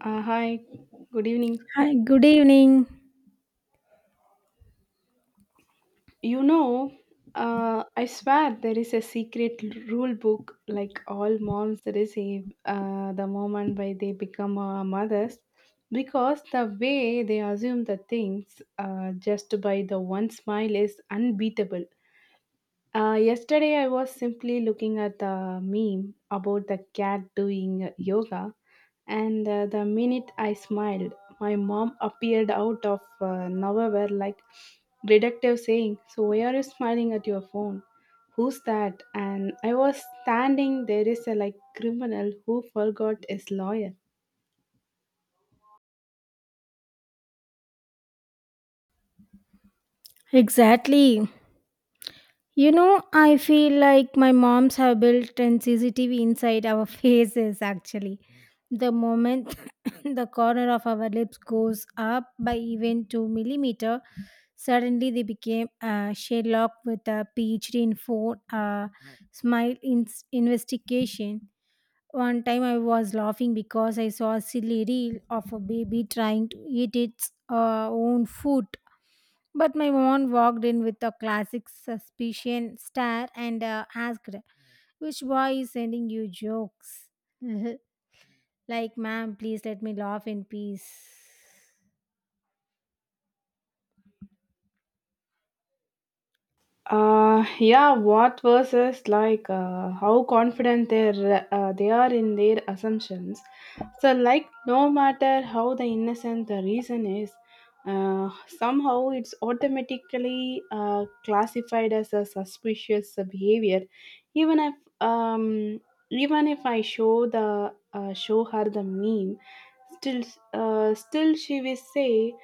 Hi, good evening. Hi, good evening. You know, I swear there is a secret rule book like all moms receive the moment by they become mothers because the way they assume the things just by the one smile is unbeatable. Yesterday, I was simply looking at the meme about the cat doing yoga, and the minute I smiled, my mom appeared out of nowhere like detective saying, "So, why are you smiling at your phone? Who's that?" And I was standing there is a like criminal who forgot his lawyer. Exactly. You know, I feel like my moms have built an CCTV inside our faces actually. The moment the corner of our lips goes up by even 2 mm millimeter, suddenly they became Sherlock with a PhD in phone smile in- investigation. One time I was laughing because I saw a silly reel of a baby trying to eat its own food. But my mom walked in with a classic suspicion stare and asked, "Which boy is sending you jokes?" Like, ma'am, please let me laugh in peace. Yeah, what versus like how confident they are in their assumptions. So like no matter how the innocent the reason is, somehow it's automatically classified as a suspicious behavior, even if um even if I show the show her the meme, still still she will say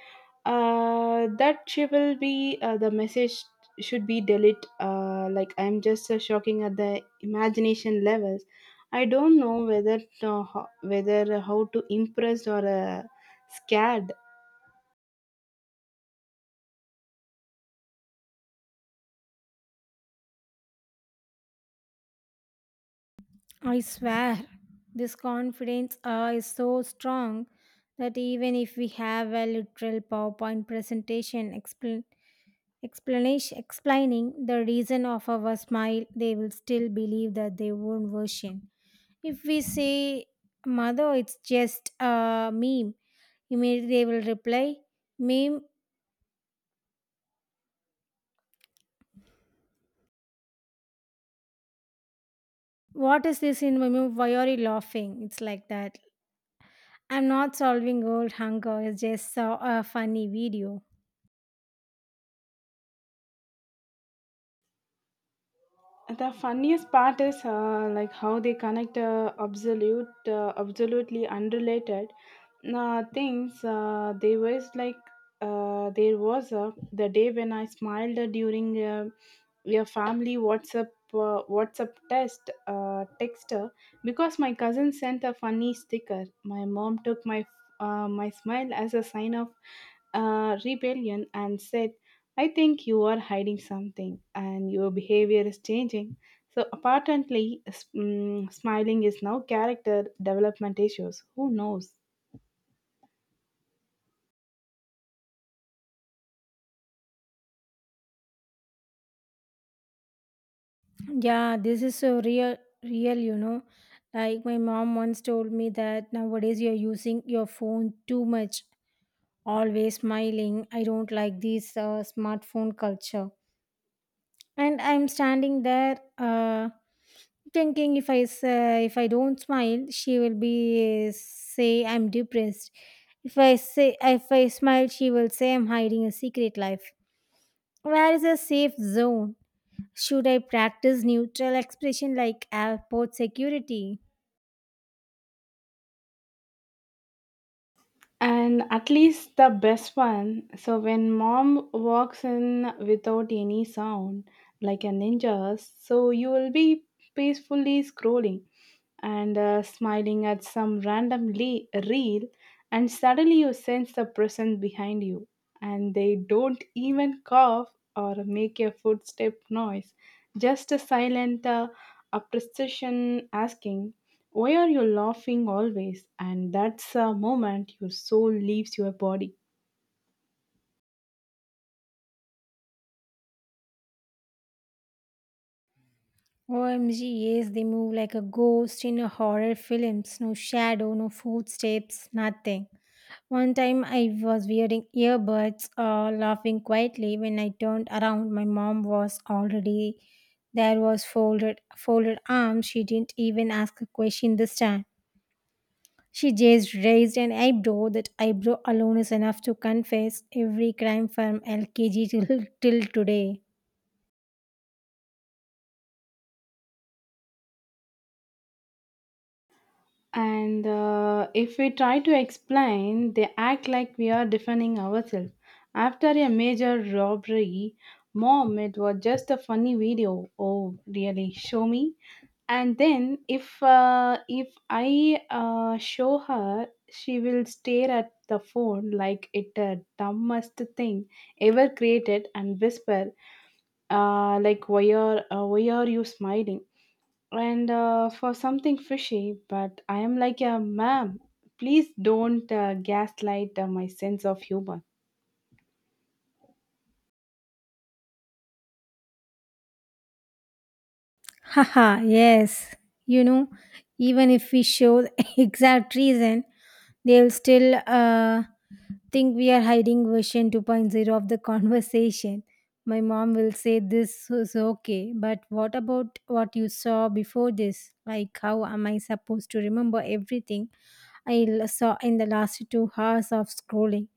that she will be the message should be delete like I'm just shocking at the imagination levels. I don't know whether to, whether how to impress or scared. I swear, this confidence is so strong that even if we have a literal PowerPoint presentation explain explanation explaining the reason of our smile, they will still believe that they own version. If we say, "Mother, it's just a meme," immediately they will reply, "Meme, what is this in my meme? Why are you laughing?" It's like that. I'm not solving old hunger, it's just a funny video. The funniest part is like how they connect absolutely unrelated things. There was the day when I smiled during your family whatsapp test texter because my cousin sent a funny sticker. My mom took my smile as a sign of rebellion and said, "I think you are hiding something and your behavior is changing." So, apparently, smiling is now character development issues. Who knows? Yeah, this is so real, you know. Like my mom once told me that nowadays you're using your phone too much, always smiling. I don't like this smartphone culture. And I'm standing there thinking, if I say, if I don't smile she will be say I'm depressed, if I say if I smile she will say I'm hiding a secret life. Where is a safe zone? Should I practice neutral expression like airport security? And at least the best one. So when mom walks in without any sound like a ninja, so you will be peacefully scrolling and smiling at some random reel, and suddenly you sense the presence behind you, and they don't even cough or make a footstep noise, just a silent appreciation asking, "Why are you laughing always?" And that's a moment your soul leaves your body. OMG, yes, they move like a ghost in a horror films. No shadow, no footsteps, nothing. One time I was wearing earbuds, laughing quietly. When I turned around, my mom was already there. Was folded arms. She didn't even ask a question this time. She just raised an eyebrow. That eyebrow alone is enough to confess every crime from LKG till today. And if we try to explain, they act like we are defending ourselves after a major robbery. "Mom, it was just a funny video." "Oh, really? Show me." And then if I show her, she will stare at the phone like it the dumbest thing ever created and whisper, "Why are you smiling and for something fishy?" But I am like, yeah, ma'am, please don't gaslight my sense of humor. Haha, yes. You know, even if we show the exact reason, they'll still think we are hiding version 2.0 of the conversation. My mom will say, "This is okay, but what about what you saw before this?" Like, how am I supposed to remember everything saw in the last 2 hours of scrolling?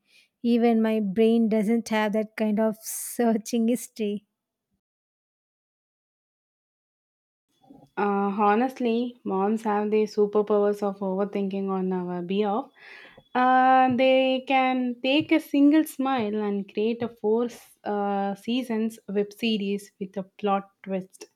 Even my brain doesn't have that kind of searching history. Honestly, moms have the superpowers of overthinking on our behalf. They can take a single smile and create a four seasons web series with a plot twist.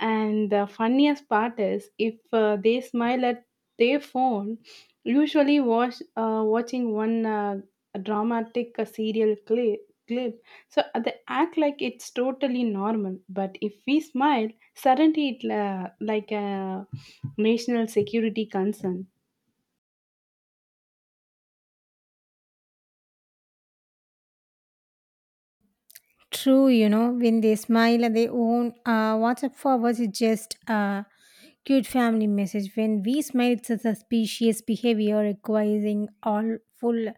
And the funniest part is if they smile at their phone, usually was watching one dramatic serial clip. Clip. So they act like it's totally normal, but if we smile, suddenly it like a national security concern. True, you know, when they smile at their own WhatsApp forwards, it's just a cute family message. When we smile, it's a suspicious behavior requiring all full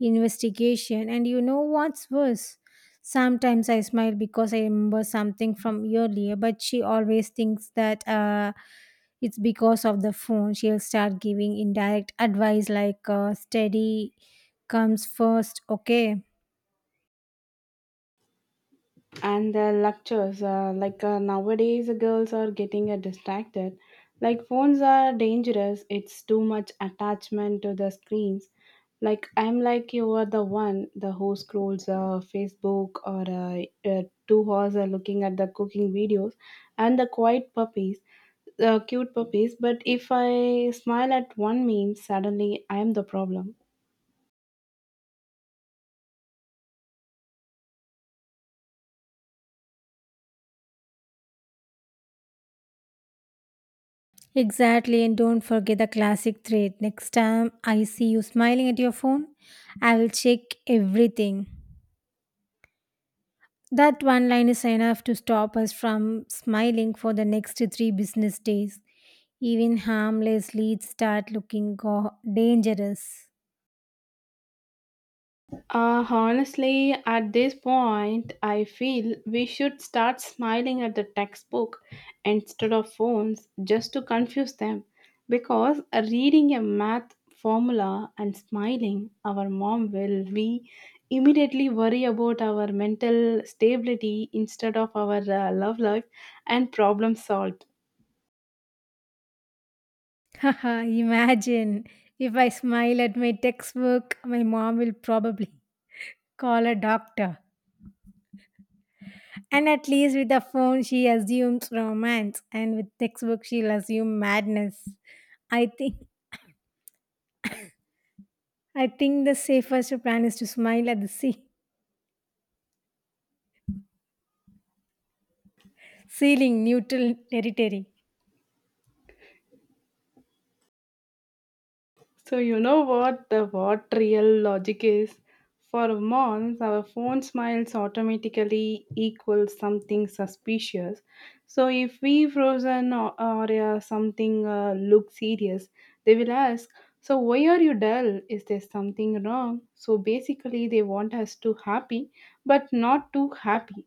investigation. And you know what's worse? Sometimes I smile because I remember something from earlier, but she always thinks that it's because of the phone. She'll start giving indirect advice like steady comes first, okay? And the lectures, nowadays the girls are getting distracted, like phones are dangerous, it's too much attachment to the screens. Like, I'm like, you are the one the who scrolls facebook or 2 hours are looking at the cooking videos and the quiet puppies, cute puppies. But if I smile at one meme, suddenly I am the problem. Exactly, and don't forget the classic threat. Next time I see you smiling at your phone, I will check everything. That one line is enough to stop us from smiling for the next three business days. Even harmless leads start looking dangerous. Honestly, at this point, I feel we should start smiling at the textbook instead of phones just to confuse them. Because reading a math formula and smiling, our mom will we immediately worry about our mental stability instead of our love life, and problem solved. Haha, imagine if I smile at my textbook, my mom will probably call a doctor. And at least with the phone, she assumes romance, and with textbook, she'll assume madness. I think I think the safest plan is to smile at the ceiling, neutral territory. So you know what the what real logic is? For months, our phone smiles automatically equals something suspicious. So if we frozen or something look serious, they will ask, "So why are you dull? Is there something wrong?" So basically, they want us to happy, but not too happy.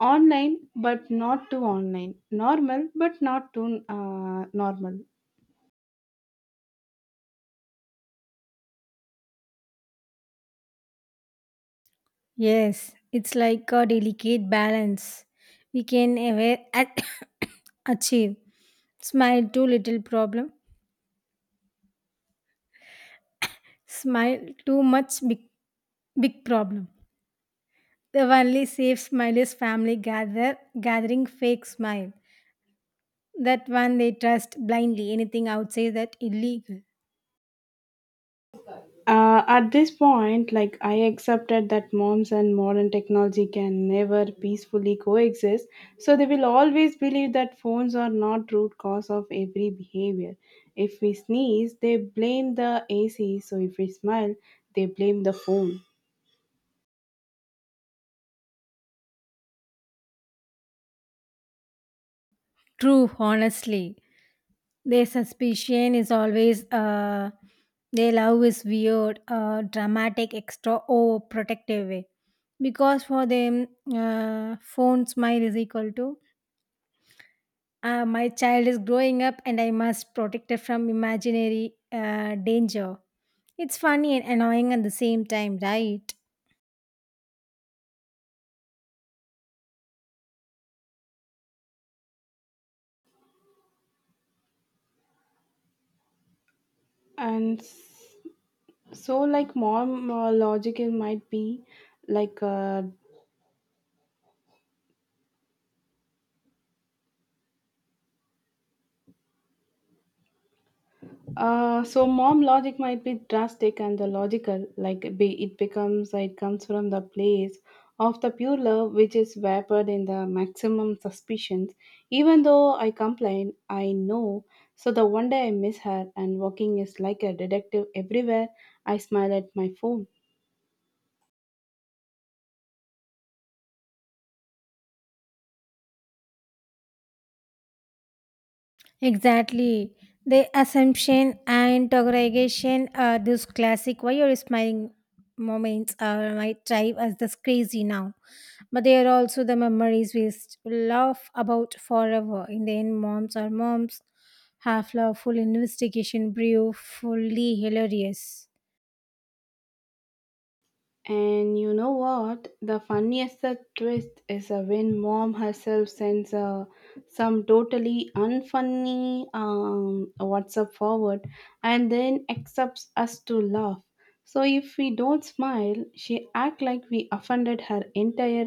Online, but not too online. Normal, but not too normal. Yes, it's like a delicate balance we can ever achieve. Smile too little problem, smile too much big problem. The only safe smile is family gather gathering fake smile. That one they trust blindly, anything outside that illegal. At this point, like I accepted that moms and modern technology can never peacefully coexist, so they will always believe that phones are not root cause of every behavior. If we sneeze, they blame the AC, so if we smile, they blame the phone. True, honestly, their suspicion is always their love is weird, dramatic, extra or protective way, because for them phone smile is equal to my child is growing up and I must protect her from imaginary danger. It's funny and annoying at the same time, right? And s- so, like, mom logic it might be like, so mom logic might be drastic and the logical, like be it becomes it comes from the place of the pure love which is vapored in the maximum suspicions. Even though I complain, I know. So the one day I miss her and walking is like a detective everywhere. I smile at my phone. Exactly. The assumption and interrogation are those classic why you're smiling moments are my drive as this crazy now. But they are also the memories laugh about forever. In the end, moms are moms, half lawful investigation, brief, fully hilarious. And you know what? The funniest twist is when mom herself sends some totally unfunny WhatsApp forward and then accepts us to laugh. So if we don't smile, she act like we offended her entire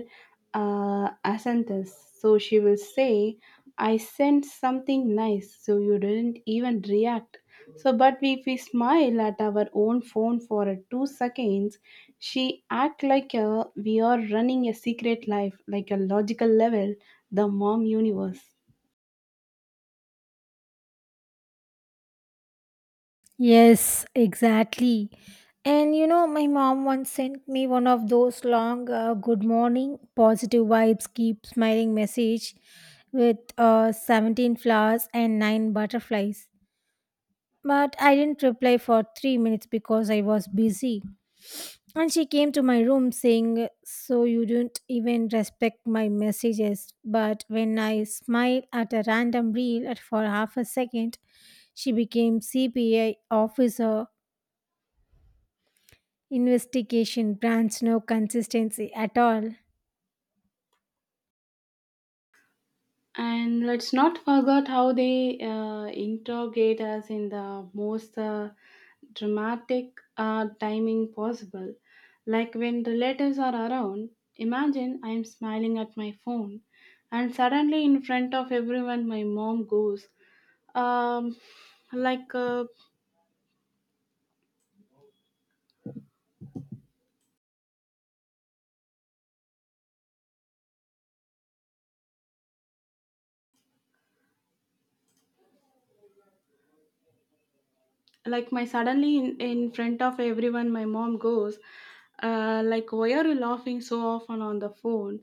ascendance. So she will say, "I sent something nice, so you didn't even react." So, but if we smile at our own phone for 2 seconds, she act like a, we are running a secret life, like a logical level, the mom universe. Yes, exactly. And you know, my mom once sent me one of those long good morning, positive vibes, keep smiling message with 17 flowers and 9 butterflies. But I didn't reply for 3 minutes because I was busy. And she came to my room saying, "So you don't even respect my messages." But when I smiled at a random reel at for half a second, she became C.P.I. officer. Investigation brands no consistency at all. And let's not forget how they interrogate us in the most dramatic timing possible. Like when relatives are around, imagine I am smiling at my phone, and suddenly in front of everyone, my mom goes, um, like. Uh, in front of everyone my mom goes like, "Why are you laughing so often on the phone?"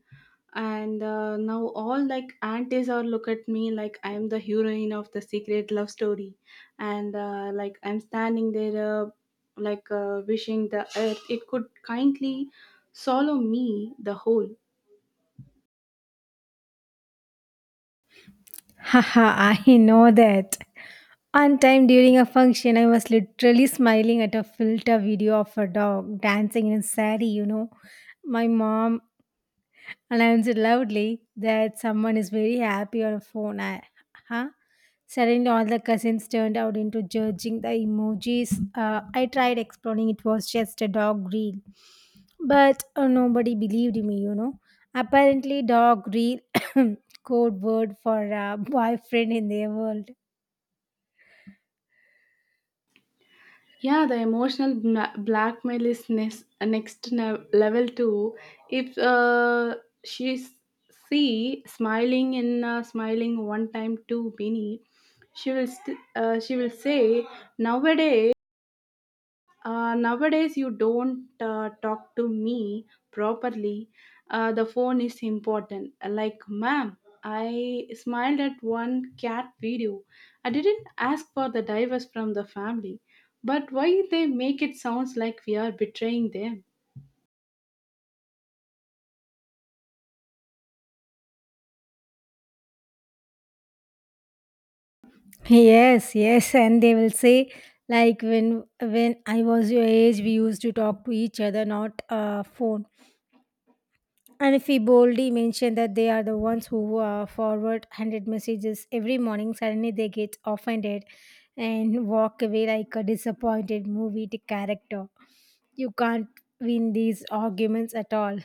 And now all like aunties are look at me like I am the heroine of the secret love story. And like I'm standing there, wishing the earth it could kindly swallow me the whole. Haha, I know that. One time during a function, I was literally smiling at a filter video of a dog dancing in a sari, you know. My mom announced loudly that someone is very happy on a phone. I, huh? Suddenly, all the cousins turned out into judging the emojis. I tried explaining it was just a dog reel, but nobody believed me, you know. Apparently, dog reel code word for boyfriend in their world. Yeah, the emotional blackmail is next, level too. If she see smiling in smiling one time too many, she will she will say nowadays, nowadays, you don't talk to me properly. The phone is important. Like, ma'am, I smiled at one cat video. I didn't ask for the divorce from the family. But why they make it sounds like we are betraying them? Yes, and they will say, like, when I was your age we used to talk to each other, not phone. And if we boldly mention that they are the ones who forward 100 messages every morning, suddenly they get offended and walk away like a disappointed movie to character. You can't win these arguments at all.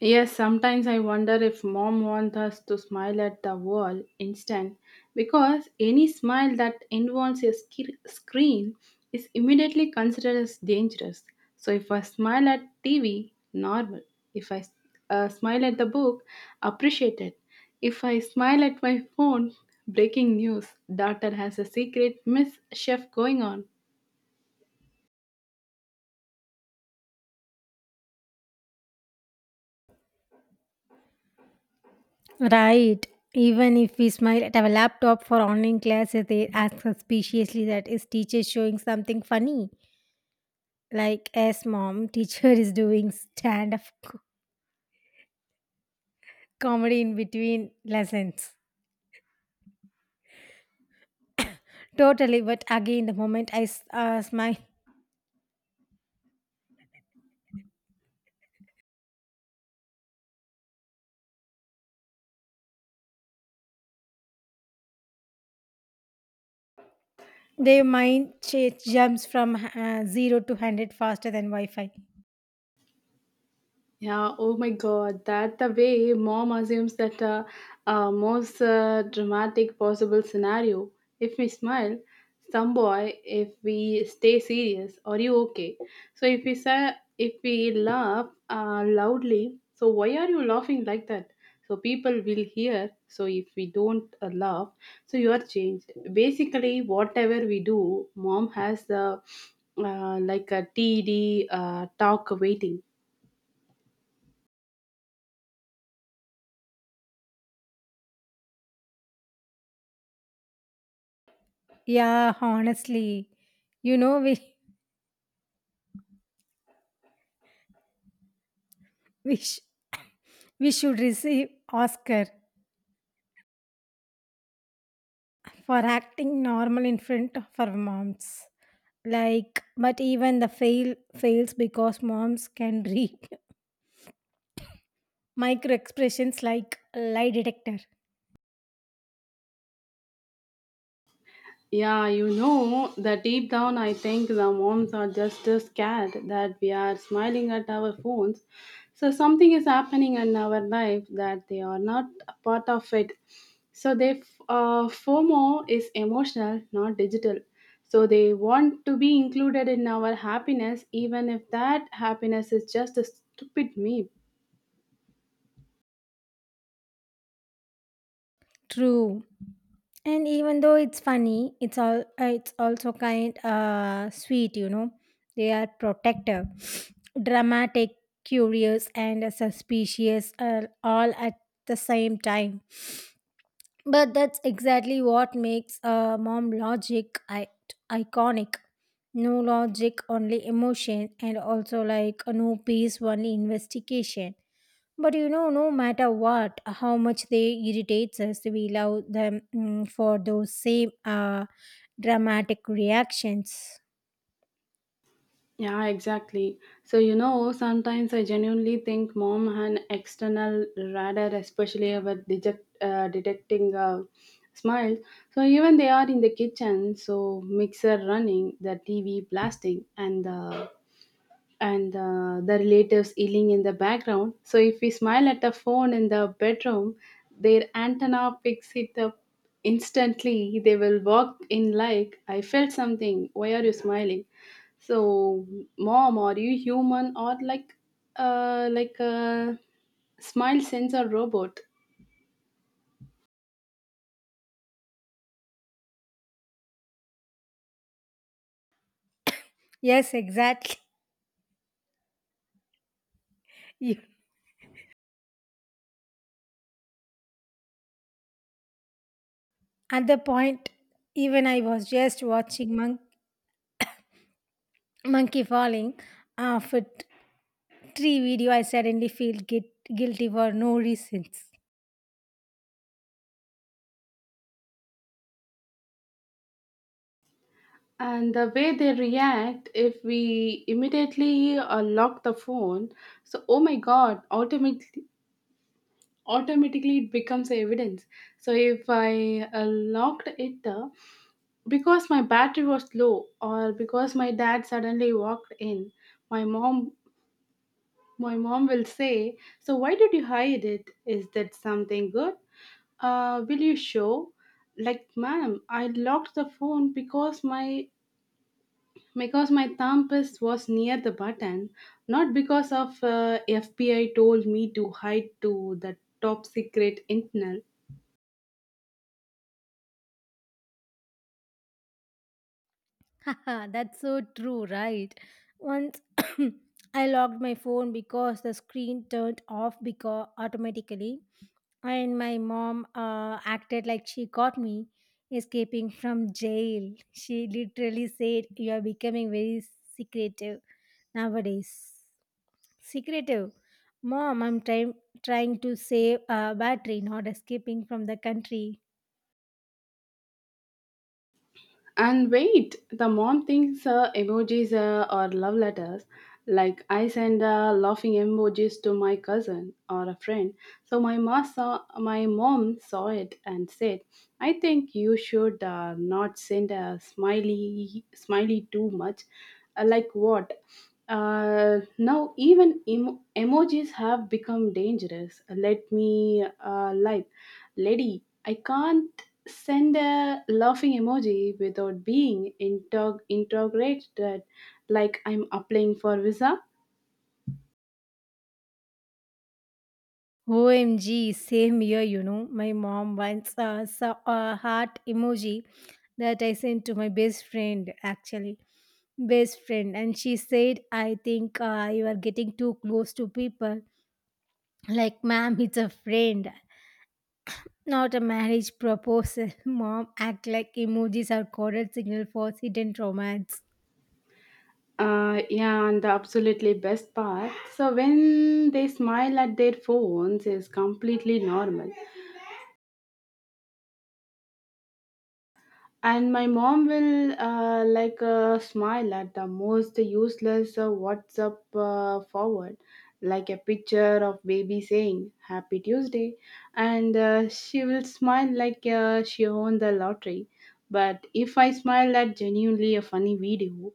Yes, sometimes I wonder if mom wants us to smile at the wall instant because any smile that involves a screen is immediately considered as dangerous. So if I smile at TV, normal. If I smile at the book, appreciated. If I smile at my phone, breaking news, daughter has a secret mischief going on. Right. Even if we smile at our laptop for online classes, they ask suspiciously, "That is teacher showing something funny?" Like, yes, mom, teacher is doing comedy in between lessons. Totally. But again, the moment I smile, their mind jumps from zero to 100 faster than Wi Fi. Yeah, oh my god, that the way mom assumes that most dramatic possible scenario. If we smile, some boy, if we stay serious, are you okay? So if we say, if we laugh loudly, so why are you laughing like that? So people will hear. So if we don't laugh, so you are changed. Basically, whatever we do, mom has the like a TD talk waiting. Yeah, honestly. You know, we, sh- we should receive Oscar for acting normal in front of our moms. Like, but even the fails because moms can read micro expressions like lie detector. Yeah, you know that deep down, I think the moms are just as scared that we are smiling at our phones. So something is happening in our life that they are not a part of it. So they FOMO is emotional, not digital. So they want to be included in our happiness, even if that happiness is just a stupid meme. True. And even though it's funny, it's also kind sweet, you know. They are protective, dramatic, curious, and suspicious, all at the same time. But that's exactly what makes mom logic iconic. No logic, only emotion, and also like no peace, only investigation. But you know, no matter what, how much they irritates us, we love them for those same dramatic reactions. Yeah, exactly. So, you know, sometimes I genuinely think mom and external radar, especially about detecting smiles. So, even they are in the kitchen, so mixer running, the TV blasting, and the relatives yelling in the background. So if we smile at a phone in the bedroom, their antenna picks it up instantly. They will walk in like, "I felt something. Why are you smiling?" So, mom, are you human or like a smile sensor robot? Yes, exactly. You- At the point, even I was just watching Monkey Falling. For tree video, I suddenly feel guilty for no reasons. And the way they react if we immediately lock the phone, so oh my god, automatically it becomes evidence. So if I locked it because my battery was low or because my dad suddenly walked in, my mom my mom will say, "So why did you hide it? Is that something good? Will you show?" Like, ma'am, I locked the phone because my thumb was near the button, not because of FBI told me to hide to the top secret internal. Haha, that's so true, right? Once I locked my phone because the screen turned off because automatically, and my mom acted like she caught me escaping from jail. She literally said, "You are becoming very secretive nowadays." Secretive, mom. I'm trying to save battery, not escaping from the country. And wait, the mom thinks emojis are love letters. Like I send laughing emojis to my cousin or a friend. So my mom saw it and said, "I think you should not send a smiley too much." Like what? Now even emojis have become dangerous. Let me Lady, I can't send a laughing emoji without being interrogated like I'm applying for visa. OMG, same year, you know. My mom once saw a heart emoji that I sent to my best friend, actually. Best friend. And she said, "I think you are getting too close to people." Like, ma'am, it's a friend, not a marriage proposal. Mom, act like emojis are coded signal for hidden romance. Yeah, and the absolutely best part. So when they smile at their phones is completely normal. And my mom will smile at the most useless whatsapp forward, like a picture of baby saying happy tuesday, and she will smile like she won the lottery. But if I smile at genuinely a funny video,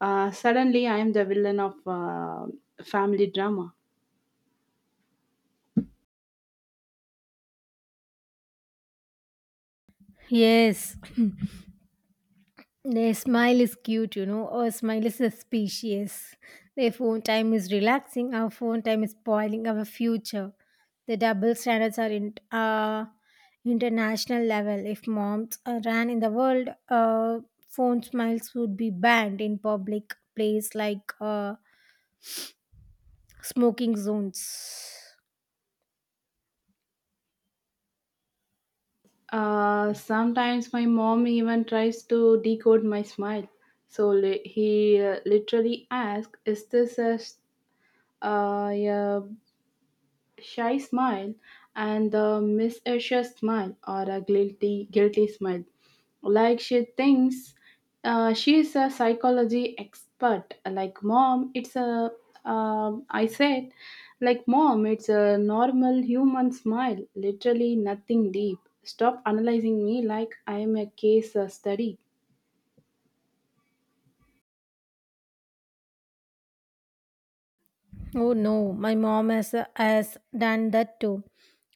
suddenly I am the villain of family drama. Yes. Their smile is cute, you know. Our smile is suspicious. Their phone time is relaxing. Our phone time is spoiling our future. The double standards are in international level. If moms ran in the world, phone smiles would be banned in public place like smoking zones. Sometimes my mom even tries to decode my smile. So he literally asks, "Is this a, yeah, shy smile and the mischievous smile or a guilty smile?" Like she thinks she is a psychology expert. Like, mom, it's a I said like, mom, it's a normal human smile, literally nothing deep. Stop analyzing me like I am a case study. Oh no, my mom has done that too.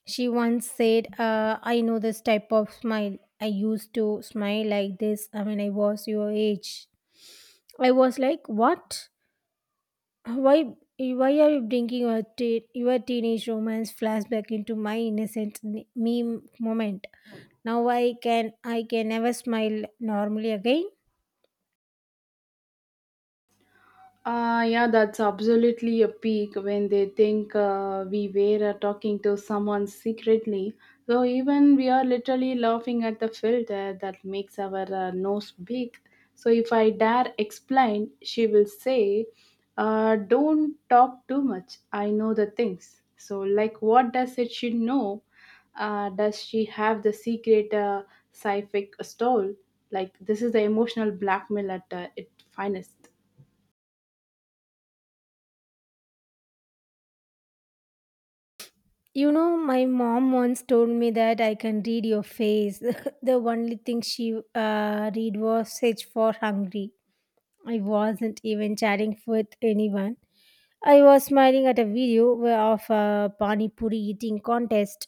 She once said, "I know this type of smile. I used to smile like this when I was your age." I was like, "What? Why?" Why are you bringing your teenage romance flashback into my innocent me moment? Now I can never smile normally again. Yeah, that's absolutely a peak when they think we were talking to someone secretly. So even we are literally laughing at the filter that makes our nose big. So if I dare explain, she will say, "Don't talk too much. I know the things." So like, what does it she know? Does she have the secret sci-fi stall? Like this is the emotional blackmail at its finest. You know, my mom once told me that, "I can read your face." The only thing she read was search for hungry. I wasn't even chatting with anyone. I was smiling at a video where of a pani puri eating contest.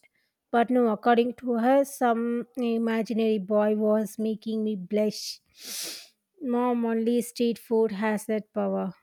But no, according to her, some imaginary boy was making me blush. Mom, only street food has that power.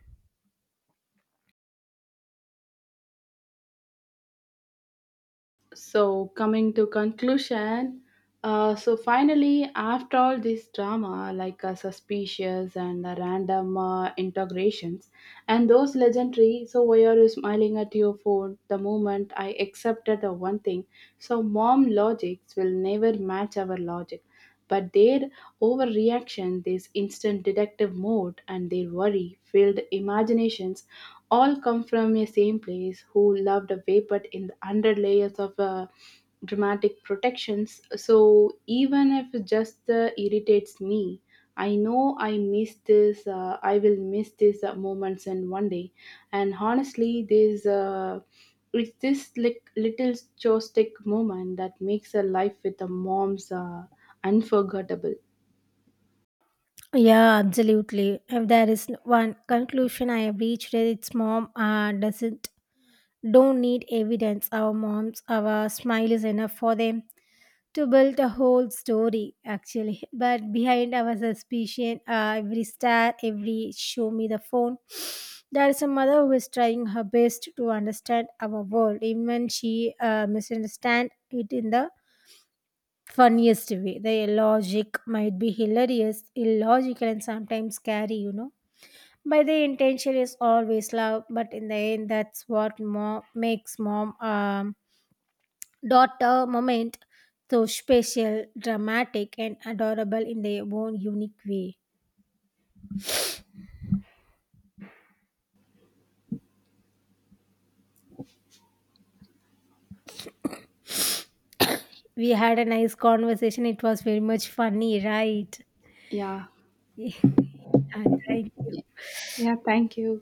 So coming to conclusion, so finally after all this drama, like suspicious and random integrations and those legendary, "So why are you smiling at your phone?" the moment I accepted the one thing. So mom logics will never match our logic, but their overreaction, this instant detective mode, and their worry filled imaginations all come from a same place who loved away, but in the under layers of dramatic protections. So even if it just irritates me, I know I will miss these moments in one day. And honestly this it's this like little joystick moment that makes a life with the moms unforgettable. Yeah, absolutely. If there is one conclusion I have reached, it's mom doesn't don't need evidence. Our moms, our smile is enough for them to build a whole story, actually. But behind our suspicion, every star, every show me the phone, there is a mother who is trying her best to understand our world, even she misunderstand it in the funniest way. The logic might be hilarious, illogical, and sometimes scary, you know. By the intention is always love, but in the end, that's what mom makes mom daughter moment so special, dramatic, and adorable in their own unique way. We had a nice conversation. It was very much funny, right? Yeah. Yeah, thank you. Yeah, thank you.